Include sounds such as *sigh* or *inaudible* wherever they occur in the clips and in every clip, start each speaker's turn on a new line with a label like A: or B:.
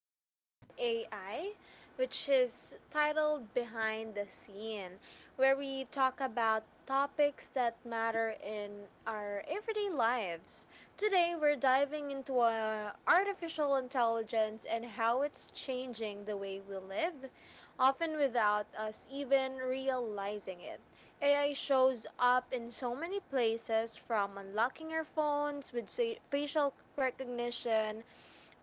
A: about AI, which is titled Behind the Scene, where we talk about topics that matter in our everyday lives. Today, we're diving into artificial intelligence and how it's changing the way we live, often without us even realizing it. AI shows up in so many places from unlocking your phones with facial recognition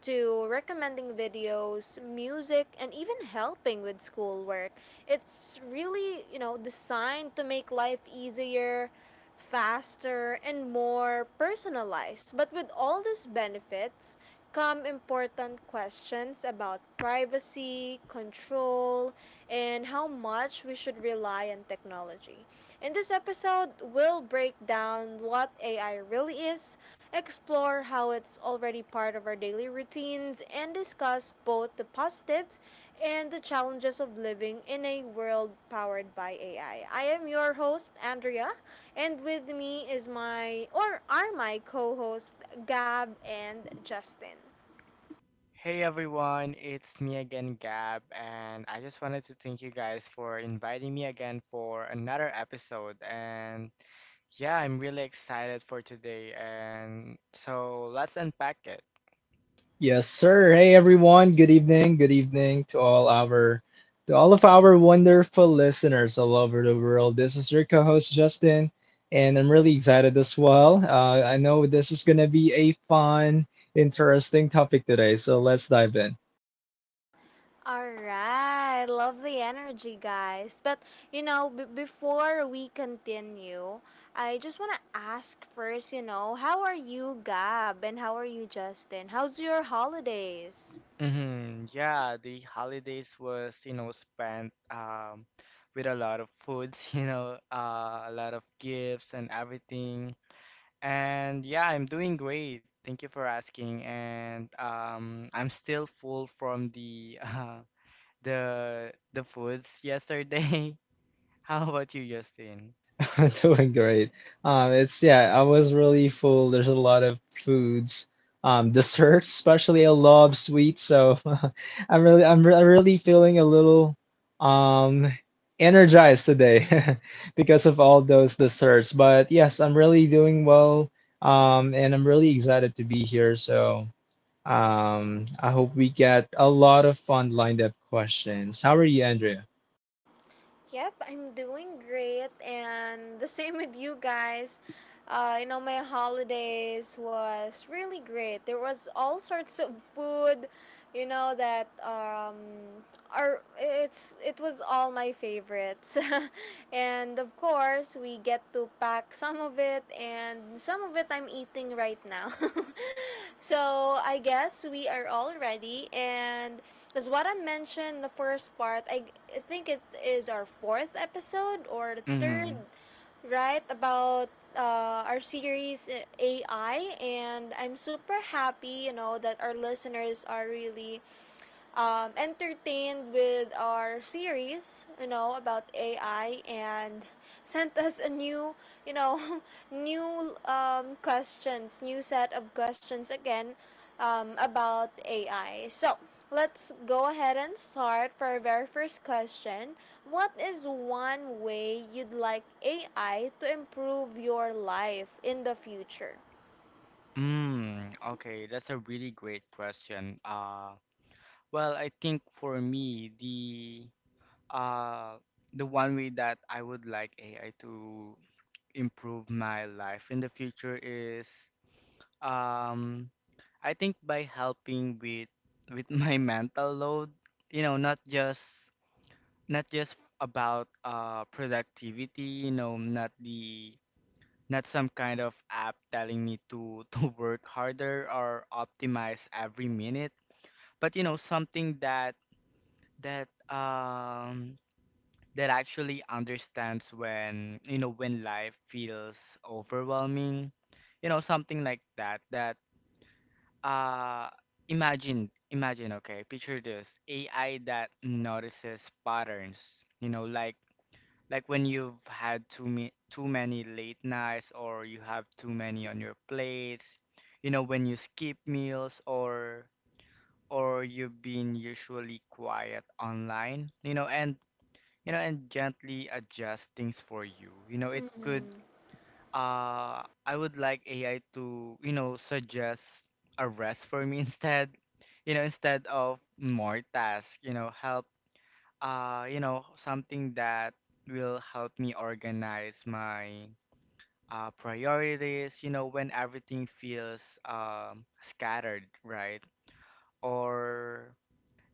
A: to recommending videos, music, and even helping with schoolwork. It's really designed to make life easier, faster, and more personalized. But with all these benefits come important questions about privacy, control, and how much we should rely on technology. In this episode, we'll break down what AI really is, explore how it's already part of our daily routines, and discuss both the positives and the challenges of living in a world powered by AI. I am your host, Andrea, and with me is my, or are my co hosts, Gab and Justin.
B: Hey everyone, it's me again, Gab, and I just wanted to thank you guys for inviting me again for another episode. And yeah, I'm really excited for today, and so let's unpack it.
C: Yes, sir. Hey, everyone. Good evening. Good evening to all our to all of our wonderful listeners all over the world. This is your co-host Justin, and I'm really excited as well. I know this is gonna be a fun, interesting topic today, so let's dive in.
A: Alright, love the energy, guys. But you know, before we continue, I just want to ask first, you know, how are you, Gab, and how are you, Justin? How's your holidays?
B: Hmm. Yeah, the holidays was, spent with a lot of foods, *laughs* a lot of gifts and everything. And yeah, I'm doing great. Thank you for asking. And I'm still full from the *laughs* the foods yesterday. *laughs* How about you, Justin?
C: *laughs* I'm doing great. It's Yeah, I was really full. There's a lot of foods, *laughs* desserts, especially a lot of sweets. So *laughs* I'm really feeling a little, um, energized today *laughs* because of all those desserts. But yes, I'm really doing well. And I'm really excited to be here. So I hope we get a lot of fun lined up questions. How are you, Andrea?
A: Yep, I'm doing great, and the same with you guys. You know, my holidays was really great. There was all sorts of food, you know that are it's it was all my favorites, *laughs* and of course we get to pack some of it, and some of it I'm eating right now. *laughs* So I guess we are all ready. And as what I mentioned in the first part, I think it is our fourth episode or the third,
B: Mm-hmm.
A: right? About our series AI. And I'm super happy, you know, that our listeners are really entertained with our series, you know, about AI and *laughs* sent us a new, you know, *laughs* new questions, new set of questions again about AI. So, let's go ahead and start for our very first question. What is one way you'd like AI to improve your life in the future?
B: Mm, okay, that's a really great question. Well, I think for me, uh, the one way that I would like AI to improve my life in the future is um, I think by helping with my *laughs* mental load, you know, not just about productivity, you know, not some kind of app telling me to *laughs* to work harder or optimize every minute, but you know something that um that actually understands when you know when life feels overwhelming. You know, something like that that uh Imagine, okay, picture this: AI that notices patterns, you know, like when you've had too many late nights or you have too many on your plates. You know, when you skip meals or you've been usually quiet online, you know, and gently adjust things for you. You know, it could I would like AI to, you know, suggest a rest for me *laughs* instead. You know, instead of more tasks, you know, help you know, something that will help me organize my priorities, you know, when everything feels scattered, right? Or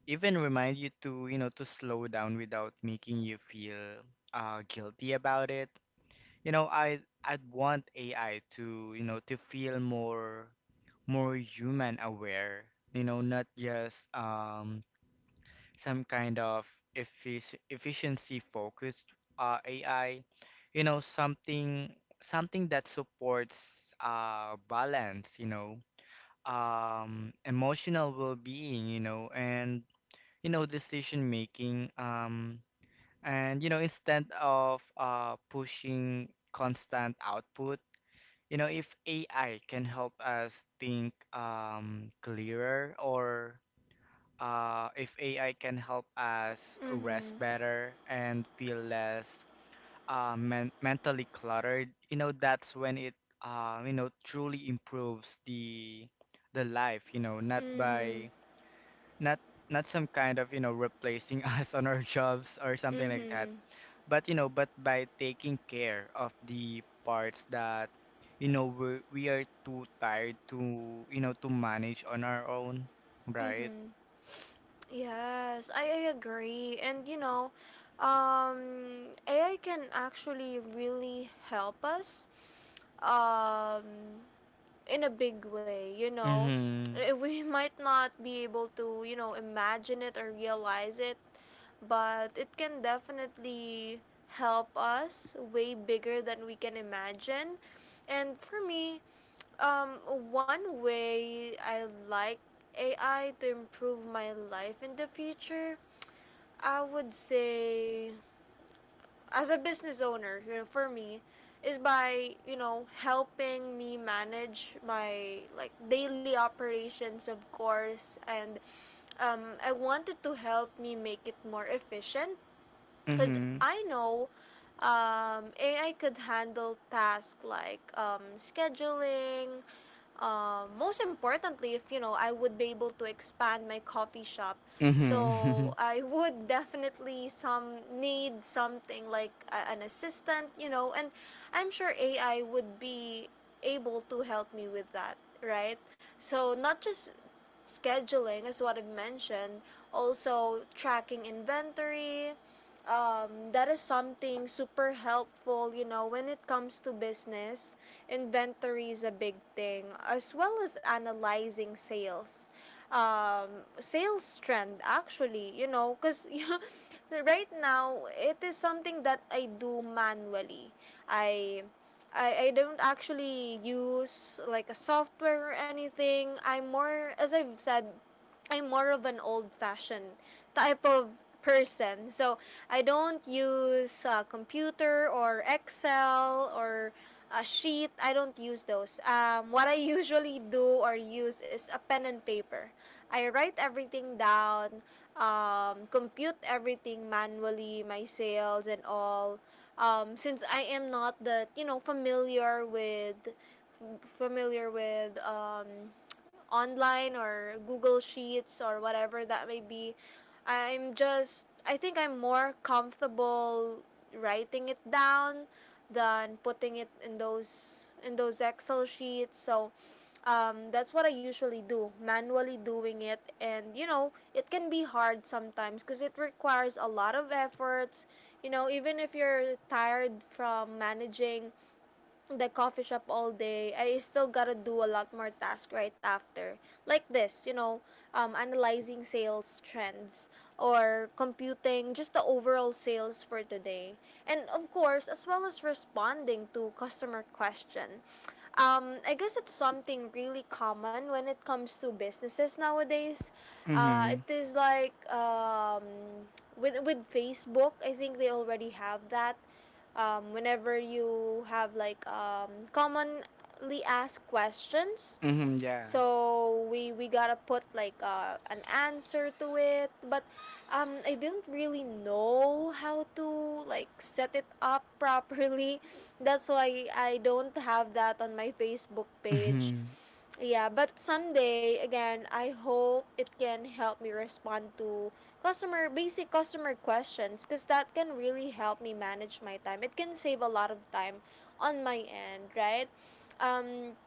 B: even remind you to, you know, to slow down without making you feel guilty about it. I 'd want AI to, you know, to feel more human aware, you know, not just some kind of efficiency focused AI, you know, something that supports balance, you know, emotional well-being, you know, and you know, decision making, and you know, instead of pushing constant output. You know, if AI can help us think clearer, or if AI can help us rest
A: Mm-hmm.
B: better and feel less mentally cluttered, you know, that's when it, you know, truly improves the life. You know, not
A: Mm-hmm.
B: by not not some kind of you know replacing *laughs* us on our jobs or something like that,
A: Mm-hmm.
B: but you know, but by taking care of the parts that you know we are too tired to you know to manage on our own, right?
A: Mm-hmm. Yes, I agree. And you know, AI can actually really help us. Um, in a big way, you know.
B: Mm-hmm.
A: Eh, we *laughs* might not be able to, you know, imagine it or realize it, but it can definitely help us way bigger than we can imagine. And for me, um, one way I like AI to improve my life in the future, I would say as a business owner, you know, for me, is by you know helping me manage my like daily operations, of course, and I wanted to help me make it more efficient because
B: Mhm.
A: I know AI could handle tasks like scheduling. Most importantly, if you know, I would be able to expand my coffee shop. So
B: Mhm.
A: I *laughs* would definitely some need something like an assistant, you know, and I'm sure AI would be able to help me with that, right? So not just scheduling is what I've mentioned, also tracking inventory, that is something super helpful, you know, when it comes to business. Inventory is a big thing, as well as analyzing sales. Sales trend, actually, you know, because *laughs* right now it is something that I do manually. I I don't actually use like a software or anything. I'm more, as I've said, I'm more of an old-fashioned type of person. So I don't use computer or Excel or a sheet. I don't use those. What I *laughs* usually do or use is a pen and paper. I write everything down, compute everything manually, my sales and all. Since I am not that you know familiar with online or Google Sheets or whatever that may be. I think I'm more comfortable writing it down than putting it in those Excel sheets. So that's what I usually do, manually doing it. And you know, it can be hard sometimes because it requires a lot of efforts. You know, even if you're tired from managing the coffee shop all day, I still gotta do a lot more tasks right after. Like this, you know, analyzing sales trends or computing just the overall sales for today. And of course, as well as responding to customer question. I guess it's something really common when it comes to businesses nowadays. It
B: Mhm.
A: is like with Facebook, I think they already have that whenever you have like commonly asked questions
B: Mhm, *laughs* yeah.
A: so we gotta put like an answer to it, but I didn't really know how to like set it up *laughs* properly, that's why I don't have that on my facebook page.
B: Mhm.
A: Yeah, but someday again, I hope it can help me respond to customer basic customer questions because that can really help me manage my time. It can save a lot of time on my end, right? Um,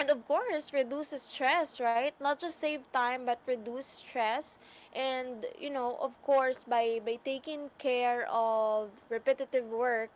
A: and of course reduce stress, right, not just save time but reduce stress, and you know of course by taking care of repetitive work,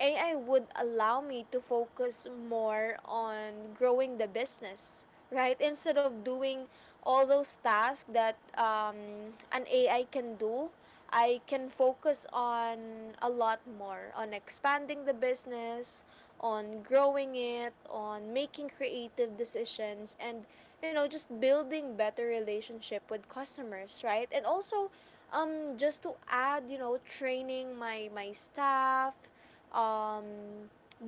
A: ai would allow me to focus more on growing the business, right, instead of doing all those tasks that an ai can do. I can focus on a lot more on expanding the business, on growing it, on making creative decisions, and you know just building better relationship with customers, right? And also just to add, you know, training my staff, um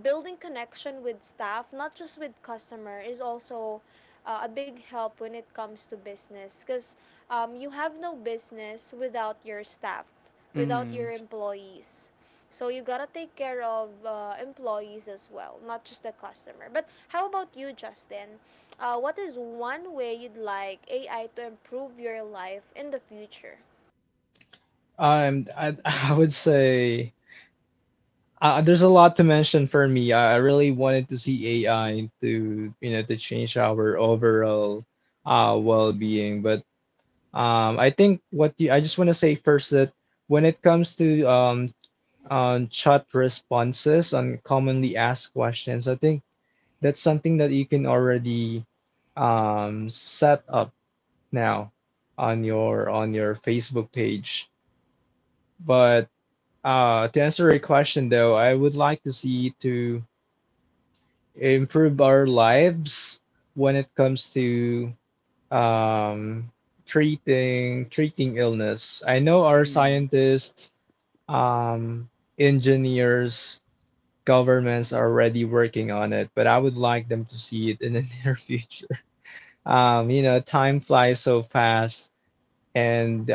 A: building connection with staff, not just with customer, is also a big help when it comes to business because you have no business without your staff, without
B: Mhm.
A: your employees. So you gotta take care of employees as well, not just the customer. But how about you, Justin? What is one way you'd like AI to improve your life in the future?
C: I, *laughs* I would say. There's a lot to mention for me. I really wanted to see AI to, you know, to change our overall well-being. But I think I just want to say first that when it comes to chat responses on commonly asked questions, I think that's something that you can already set up now on your Facebook page. But to answer your question though, I would like to see to improve our lives when it comes to um, treating illness. I know our
B: Mhm.
C: scientists, um, engineers, governments are already working on it, but I would like them to see it in the *laughs* near future. You know, time flies so fast, and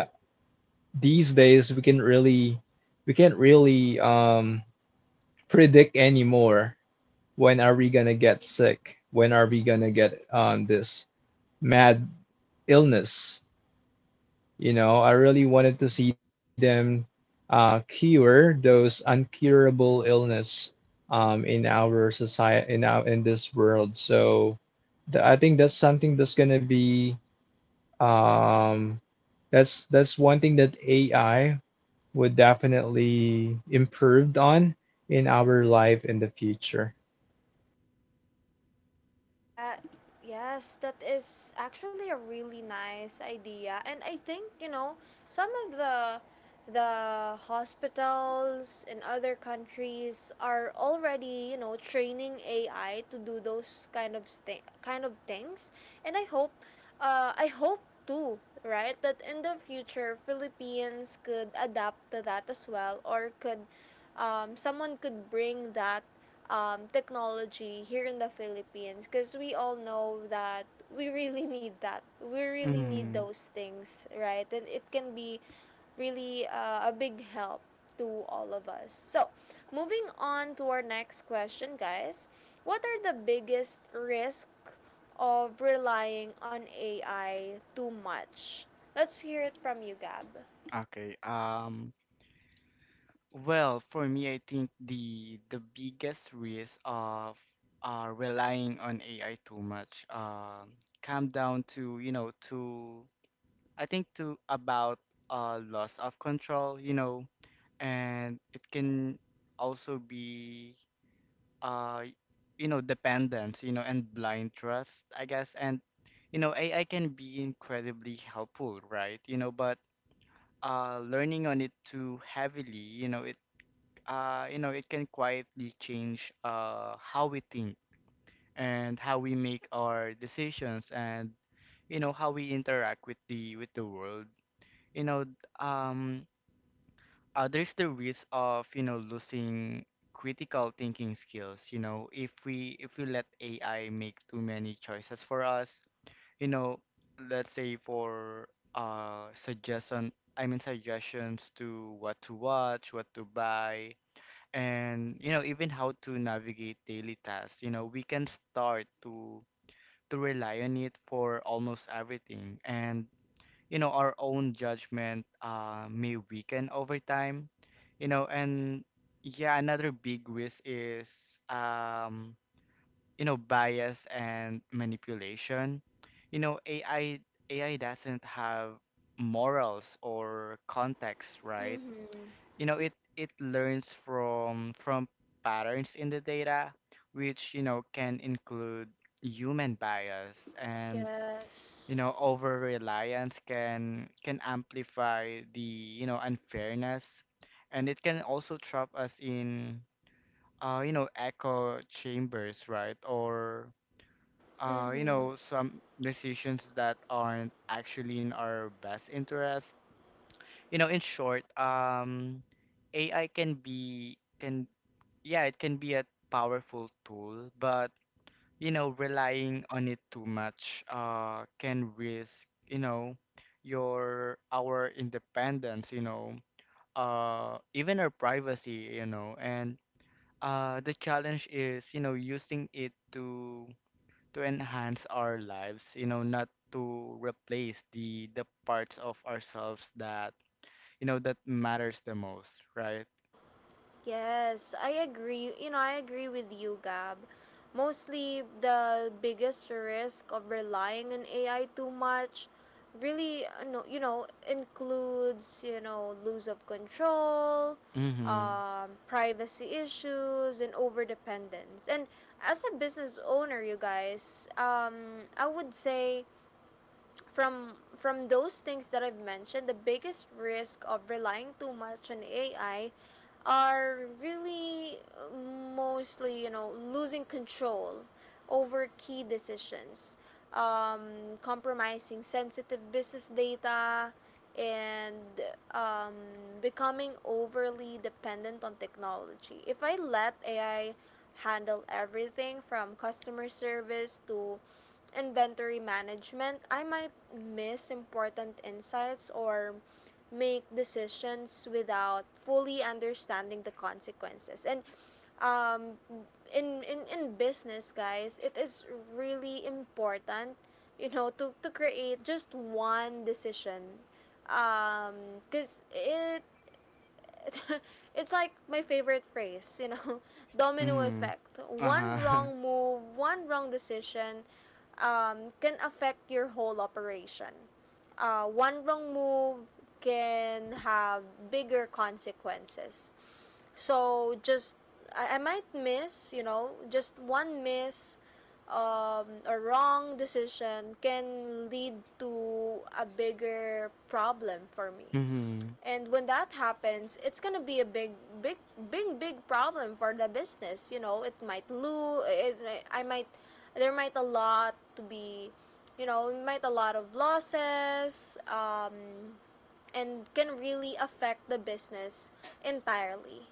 C: these days we can't really predict anymore when are we gonna get sick when are we gonna get this mad illness. You know, I really wanted to see them cure those uncurable illness in our society, in this world. So, I think that's something that's gonna be um, that's one thing that AI would definitely improved on in our life in the future.
A: Yeah, yes, that is actually a really nice idea. And I think, you know, some of the hospitals in other countries are already, you know, training AI to do those kind of things. And I hope too, right, that in the future Philippines could adapt to that as well, or could someone could bring that technology here in the Philippines because we all know that we really *laughs* need that. We really need
B: Mhm.
A: those things, right? And it can be really a big help to all of us. So, moving on to our next question, guys. What are the biggest risk of relying on AI too much? Let's hear it from you, Gab.
B: Okay. Well, for me, I think the biggest risk of relying on AI too much come down to, you know, to I think to about loss of control, you know, and it can also be uh you know dependence you know and blind trust, I guess. And you know AI can be incredibly helpful, right? You know, but learning on it too heavily, you know, it you know it can quietly change how we think and how we make our decisions and you know how we interact with the world, you know. um there's the risk of you know losing critical thinking skills, you know, if we let AI make too many choices for us. You know, let's say for suggestion, suggestions to what to watch, what to buy, and you know even how to navigate daily tasks. You know, we can start to rely on it for almost everything, and you know our own judgment may weaken over time, you know. And yeah, another big risk is um, you know bias and manipulation. You know, AI doesn't have morals or context, right?
A: Mm-hmm.
B: You know, it learns from patterns in the data, which you know can include human bias, and you
A: Yes.
B: know over reliance can amplify the you know unfairness, and it can also trap us in you know echo chambers, right, or you
A: Mm-hmm.
B: know some decisions that aren't actually in our best interest. You know, in short, AI can be can yeah it can be a powerful tool, but you know, relying on it too much can risk, you know, your our independence, you know, even our privacy, you know, and the challenge is, you know, using it to enhance our lives, you know, not to replace the parts of ourselves that, you know, that matters the most, right?
A: Yes, I agree. You know, I agree with you, Gab. Mostly the biggest risk of relying on AI too much really no, you know includes you know lose of control,
B: Mhm.
A: privacy issues, and overdependence. And as a business owner, you guys, I would say from those things that I've mentioned, the biggest risk of relying too much on AI are really mostly you know losing control over key decisions, compromising sensitive business data, and um, becoming overly dependent on technology. If I let AI handle everything from customer service to inventory management, I might miss important insights or make decisions without fully understanding the consequences. And um, in business, guys, it is really important, you know, to create just one decision. Because it *laughs* it's like my favorite phrase, you know, *laughs* domino
B: Mhm.
A: effect. One
B: Uh-huh.
A: wrong
B: *laughs*
A: move, one wrong decision can affect your whole operation. One wrong move can have bigger consequences. So just I might miss, you know, just one miss a wrong decision can lead to a bigger problem for me.
B: Mhm.
A: And when that happens, it's gonna be a big, big problem for the business. You know, it might lose. I might, there might a lot to be, you know, might a lot of losses. And can really affect the business entirely.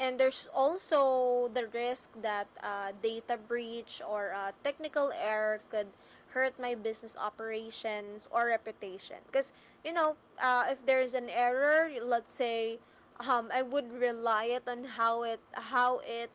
A: And there's also the risk that data breach or technical error could hurt my business operations or reputation. Because, you know, if there's an error, let's say, I would rely it on how it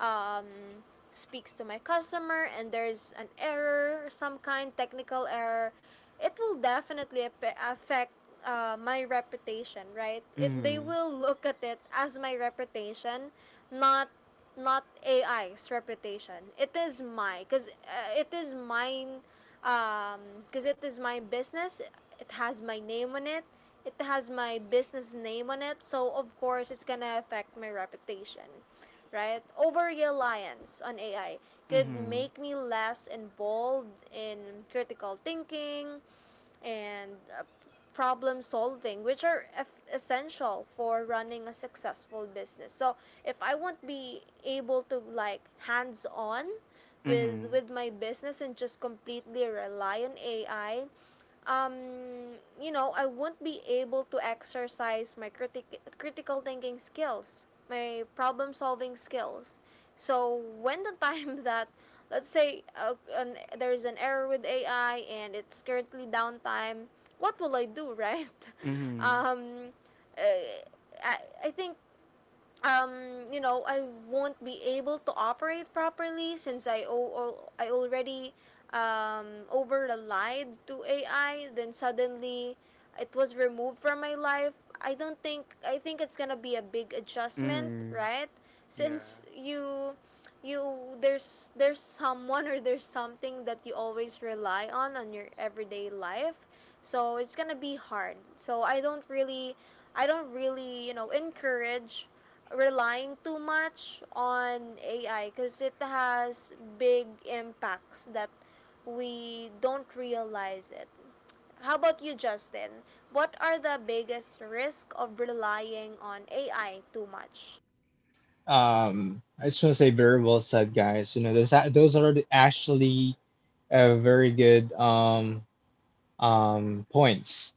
A: um, speaks to my customer and there's an error, some kind technical error, it will definitely affect my reputation, right? It they
B: Mhm.
A: will look at it as my reputation, not not AI's reputation. It is my because it is mine because it is my business. It has my name on it. It has my business name on it. So of course it's gonna affect my reputation, right? Over reliance on AI could
B: Mhm.
A: make me less involved in critical thinking and uh, problem solving, which are f essential for running a successful business. So if I won't be able to like hands on with
B: Mhm.
A: with my business and just completely rely on AI, I won't be able to exercise my critical thinking skills, my problem solving skills. So when the *laughs* time that, let's say, there is an error with AI and it's currently downtime, what will I do, right? *laughs*
B: Mhm.
A: Um, uh, I, I think I won't be able to operate properly since I already over relied to AI. Then suddenly, it was removed from my life. I don't think I think it's gonna be a big adjustment,
B: Mhm.
A: right? Since
B: Yeah.
A: you there's someone or there's something that you always rely on your everyday life, so it's gonna be hard. So I don't really encourage relying too much on AI because it has big impacts that we don't realize it. How about you, Justin? What are the biggest risk of relying on AI too much?
C: I just want to say very well said, guys. You know, actually very good points.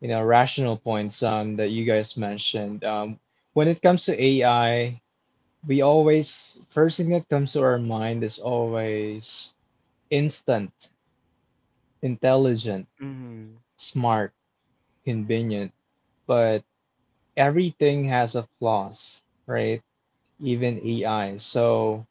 C: You know, rational points that you guys mentioned. When it comes to AI, we always first thing that comes to our mind is always instant, intelligent,
B: Mhm.
C: smart, convenient. But everything has a flaws, right? Even AI. So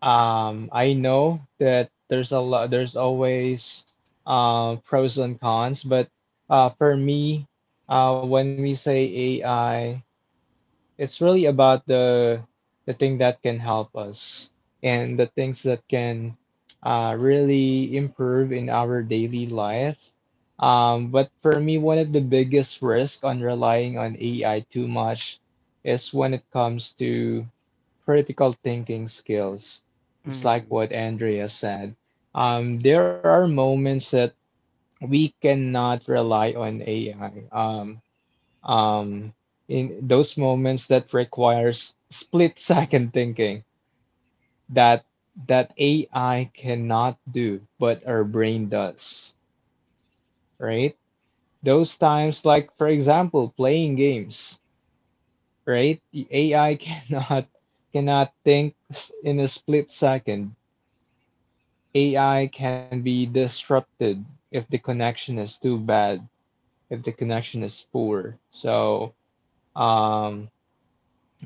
C: I know that there's a lot, there's always pros and cons, but uh, for me, when we say AI, it's really about the thing that can help us and the things that can really improve in our daily life. But for me, one of the biggest risks on relying on AI too much is when it comes to critical thinking skills. It's like
B: Mhm.
C: what Andrea said. There are moments that we cannot rely on AI. Um, in those moments that requires split second thinking that that AI cannot do, but our brain does, right? Those times, like for example, playing games, right? The AI *laughs* cannot think in a split second. AI can be disrupted if the connection is too bad, if the connection is poor. So, um,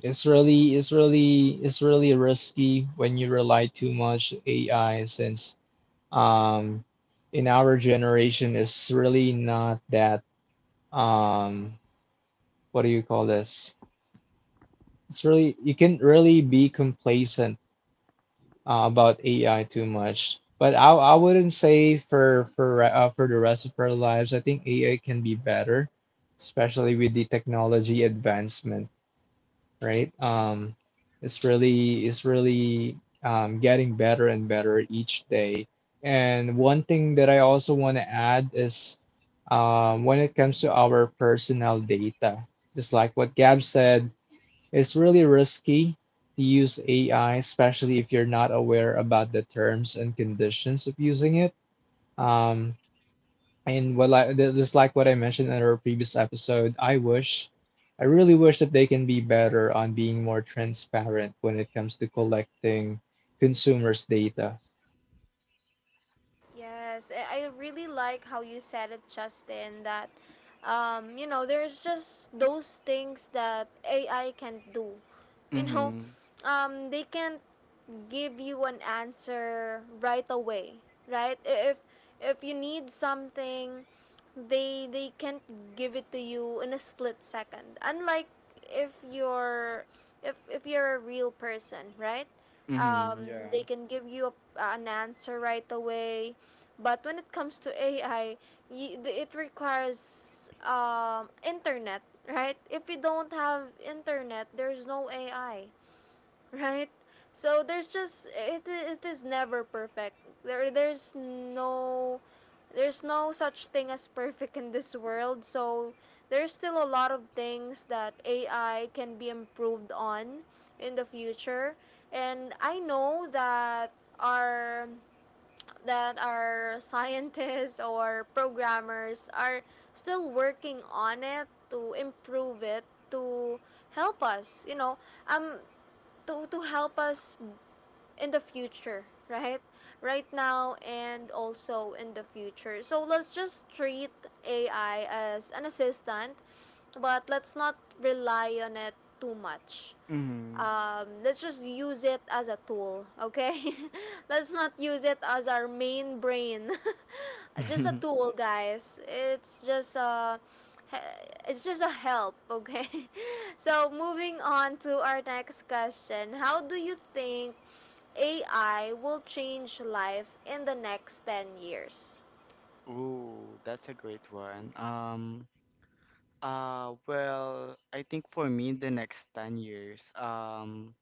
C: it's really, it's really risky when you rely too much AI since um in our generation it's really not that um what do you call this? It's really you can really be complacent about AI too much. But I wouldn't say for for the rest of our lives, I think AI can be better, especially with the technology advancement. Right? It's really getting better and better each day. And one thing that I also want to add is when it comes to our personal data, just like what Gab said, it's really risky to use AI, especially if you're not aware about the terms and conditions of using it. Um, and what I th- Just like what I mentioned in our previous episode, I wish, I really wish that they can be better on being more transparent when it comes to collecting consumers' data.
A: Yes, I really like how you said it, Justin, that there's just those things that AI can't do. *laughs* You know,
B: Mhm.
A: they can't give you an answer right away, right? If you need something, they can't give it to you in a split second. Unlike if you're if you're a real person, right?
B: Mhm. Yeah.
A: They can give you an answer right away, but when it comes to AI, it requires internet. Right? If you don't have internet, there's no AI, right? So there's just it is never perfect. There's no such thing as perfect in this world. So there's still a lot of things that AI can be improved on in the future. And I know our that our scientists or programmers are still working on it to improve it to help us, um to help us in the future, right? Right now and also in the future. So let's just treat AI as an assistant, but let's not rely on it too much.
B: Mhm.
A: Let's just use it as a tool, okay? *laughs* Let's not use it as our main brain. *laughs* Just a
B: *laughs*
A: tool, guys. It's just a help, okay? *laughs* So moving on to our next question: how do you think AI will change life in the next 10 years?
B: Ooh, that's a great one. Well, I think for me, the next 10 years,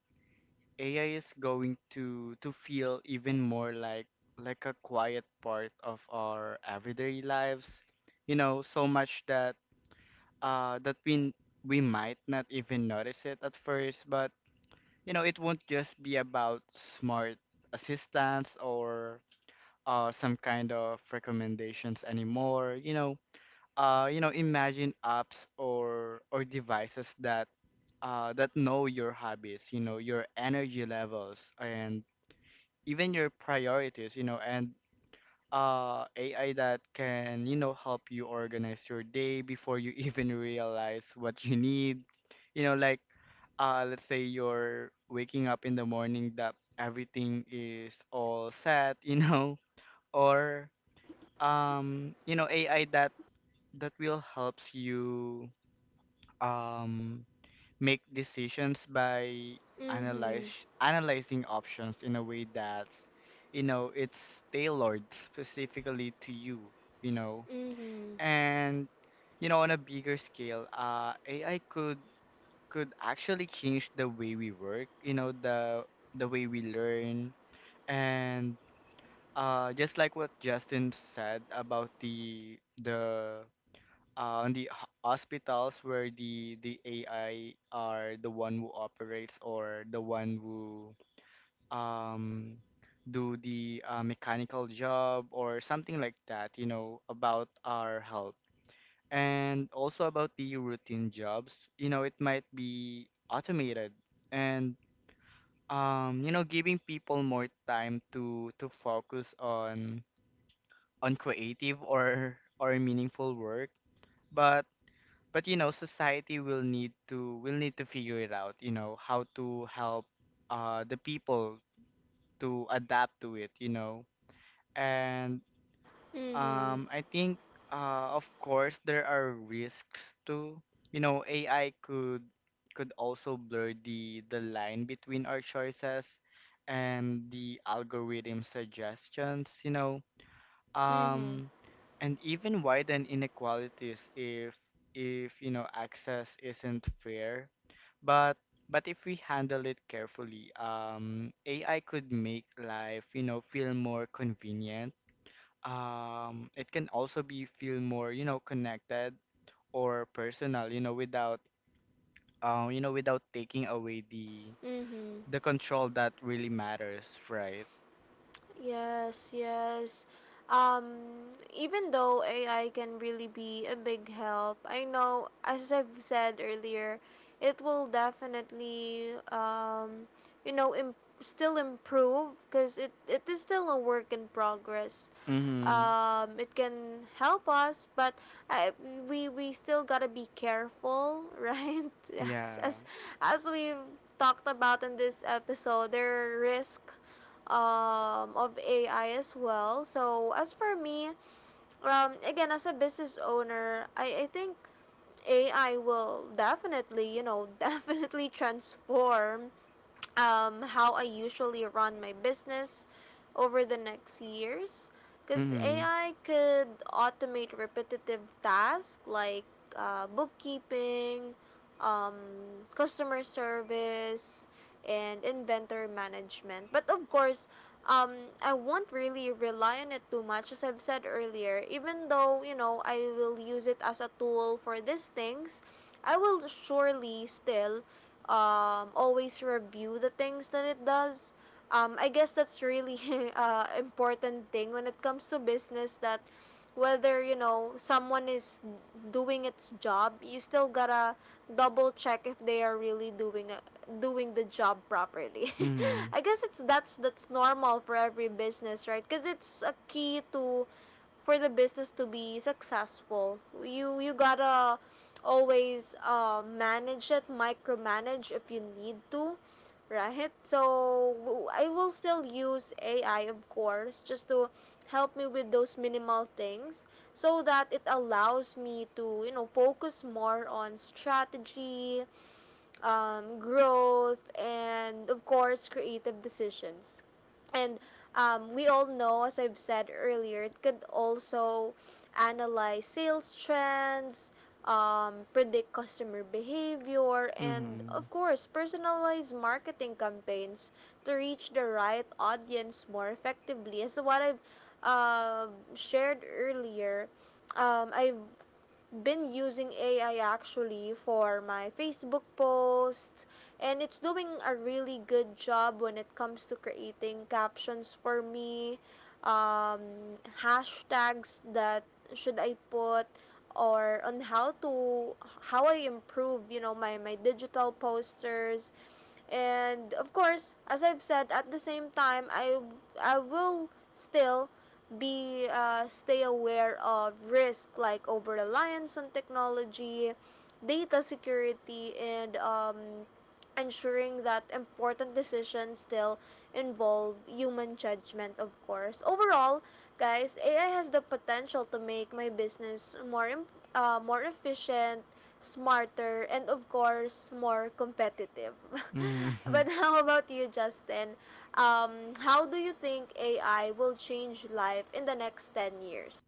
B: AI is going to feel even more like a quiet part of our everyday lives. You know, so much that we might not even notice it at first, but you know, it won't just be about smart assistants or some kind of recommendations anymore. You know, imagine apps or devices that that know your hobbies, you know, your energy levels, and even your priorities, you know, and AI that can, you know, help you organize your day before you *laughs* even realize what you need. You know, like let's say you're waking up in the morning that everything is all set, you know, *laughs* or you know, AI that that will helps you um make decisions by analyze
A: Mm-hmm.
B: analyzing options in a way that's you know it's tailored specifically to you, you know,
A: Mm-hmm.
B: and you know on a bigger scale, AI could actually change the way we work, you know, the way we learn, and just like what Justin said about the on the hospitals where the AI are the one who operates or the one who um do the mechanical job or something like that, you know, about our health. And also about the routine jobs, you know, it might be automated, and you know, giving people more time to focus on creative or meaningful work. But but you know, society will need to figure it out, you know, how to help the people to adapt to it, you know. And
A: Mm-hmm.
B: I think, of course, there are risks too. You know, AI could also blur the line between our choices and the algorithm suggestions, you know.
A: Mm-hmm.
B: Um, and even widen inequalities if, you know, access isn't fair. But but if we handle it carefully, AI could make life, you know, feel more convenient, it can also be feel more, you know, connected or personal, you know, without taking away the
A: Mm-hmm.
B: the control that really matters, right?
A: Yes, yes. Even though AI can really be a big help, I know, as I've said earlier, it will definitely, you know, still improve because it is still a work in progress.
B: Mm-hmm.
A: It can help us, but I, we still gotta be careful, *laughs* right? Yes,
B: Yeah.
A: as we've talked about in this episode, there are risks, of AI as well. So as for me, again as a business owner, I think AI will definitely, you know, *laughs* definitely transform how I usually run my business over the next years. Because
B: Mm-hmm.
A: AI could automate repetitive tasks like bookkeeping, um, customer service and inventory management. But of course, I won't really rely on it too much, as I've said earlier. Even though, you know, I will use it as a tool for these things, I will surely still always review the things that it does. I guess that's really *laughs* important thing when it comes to business, that whether you know someone is doing its job, you still gotta double check if they are really doing the job properly.
B: Mm-hmm.
A: *laughs* I guess it's that's normal for every business, right? Because it's a key to for the business to be successful. You gotta always manage it, micromanage if you need to, right? So I will still use AI, of course, just to help me with those minimal things so that it allows me to, you know, focus more on strategy, growth, and of course, creative decisions. And we all know, as I've said earlier, it could also analyze sales trends, predict customer behavior, and
B: Mm-hmm.
A: of course, personalize marketing campaigns to reach the right audience more effectively. As what I've uh, shared earlier, I've been using AI actually for my Facebook posts and it's doing a really good job when it comes to creating captions for me um, hashtags that should I put, or on how to how I improve, you know, my digital posters. And of course, as I've said, at the same time, I will still be stay aware of risk like over reliance on technology, data security, and ensuring that important decisions still involve human judgment, of course. Overall, guys, AI has the potential to make my business more efficient, smarter, and of course, more competitive. *laughs*
B: Mm-hmm.
A: But
B: *laughs*
A: how about you, Justin? How do you think AI will change life in the next 10 years?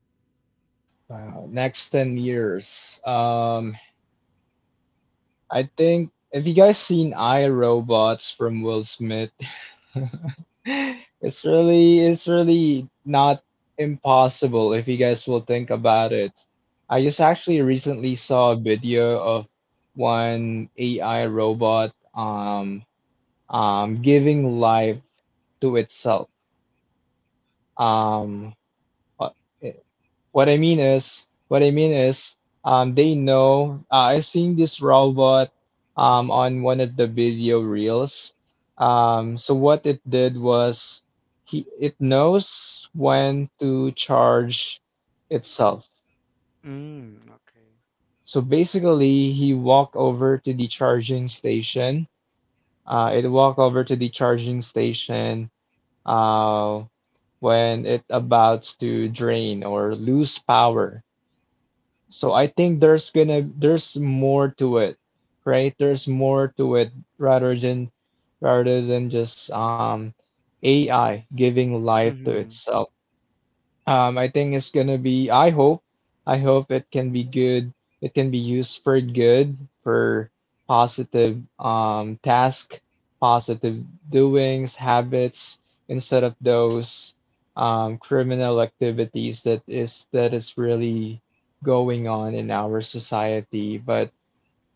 C: Wow. Next 10 years. I think, have you guys seen iRobots from Will Smith? *laughs* It's really not impossible if you guys will think about it. I just actually recently saw a video of one AI robot giving life to itself. Um, uh, what I mean is, they know. I seen this robot on one of the video reels. So what it did was, he it knows when to charge itself.
B: Mm-hmm. Okay.
C: So basically, he walked over to the charging station. It walked over to the charging station uh, when it abouts to drain or lose power. So I think there's more to it, right? There's more to it rather than rather than just AI giving life to
B: Mm-hmm.
C: itself. I think it's gonna be. I hope. I hope it can be good. It can be used for good, for positive task, positive doings, habits, instead of those criminal activities that is really going on in our society. But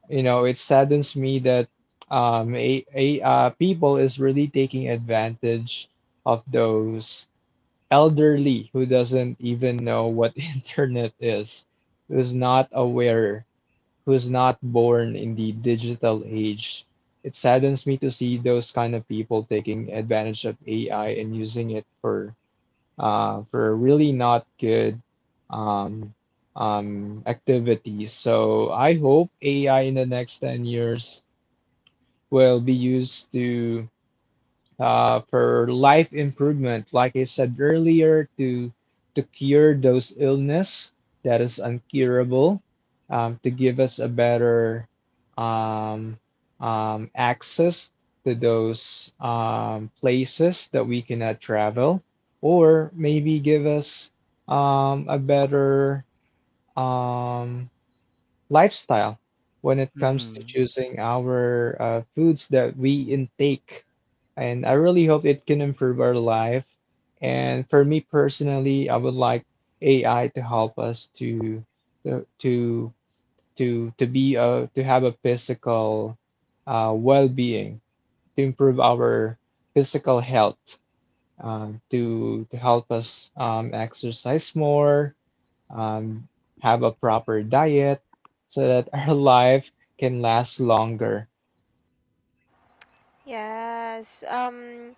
C: you know, it saddens me that a people is really taking advantage of those elderly who doesn't even know what *laughs* internet is, who's not aware, who's not born in the digital age. It saddens me to see those kind of people taking advantage of AI and using it for really not good um, activities. So I hope AI in the next 10 years will be used to for life improvement, like I said earlier, to cure those illness that is uncurable, to give us a better um, access to those places that we cannot travel, or maybe give us a better um, lifestyle when it comes to
B: Mm-hmm.
C: choosing our foods that we intake. And I really hope it can improve our life. And for me personally, I would like AI to help us to to to be a, to have a physical well-being, to improve our physical health, to help us exercise more, um, have a proper diet so that our *laughs* life can last longer.
A: Yes.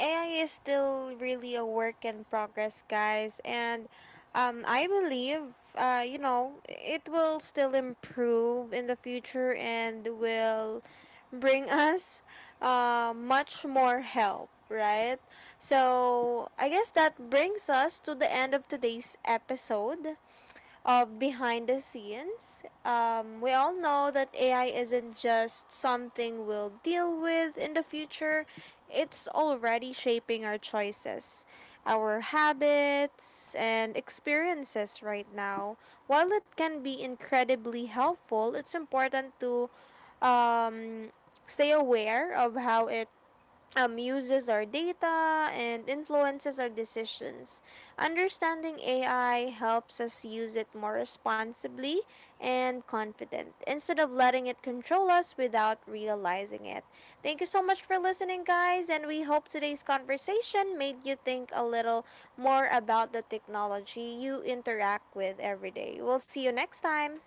A: AI is still really a work in progress, guys, and I believe you know, it will still improve in the future and will bring *laughs* us much more help, right? So I guess that brings us to the end of today's episode of Behind the Scenes. We all know that AI isn't just something we'll deal with in the future, it's already shaping our choices, our habits, and experiences right now. While it can be incredibly helpful, it's important to um, stay aware of how it uses our data and influences our decisions. Understanding AI helps us use it more responsibly and confident instead of letting it control us without realizing it. Thank you so much for listening, guys, and we hope today's conversation made you think a little more about the technology you interact with every day. We'll see you next time.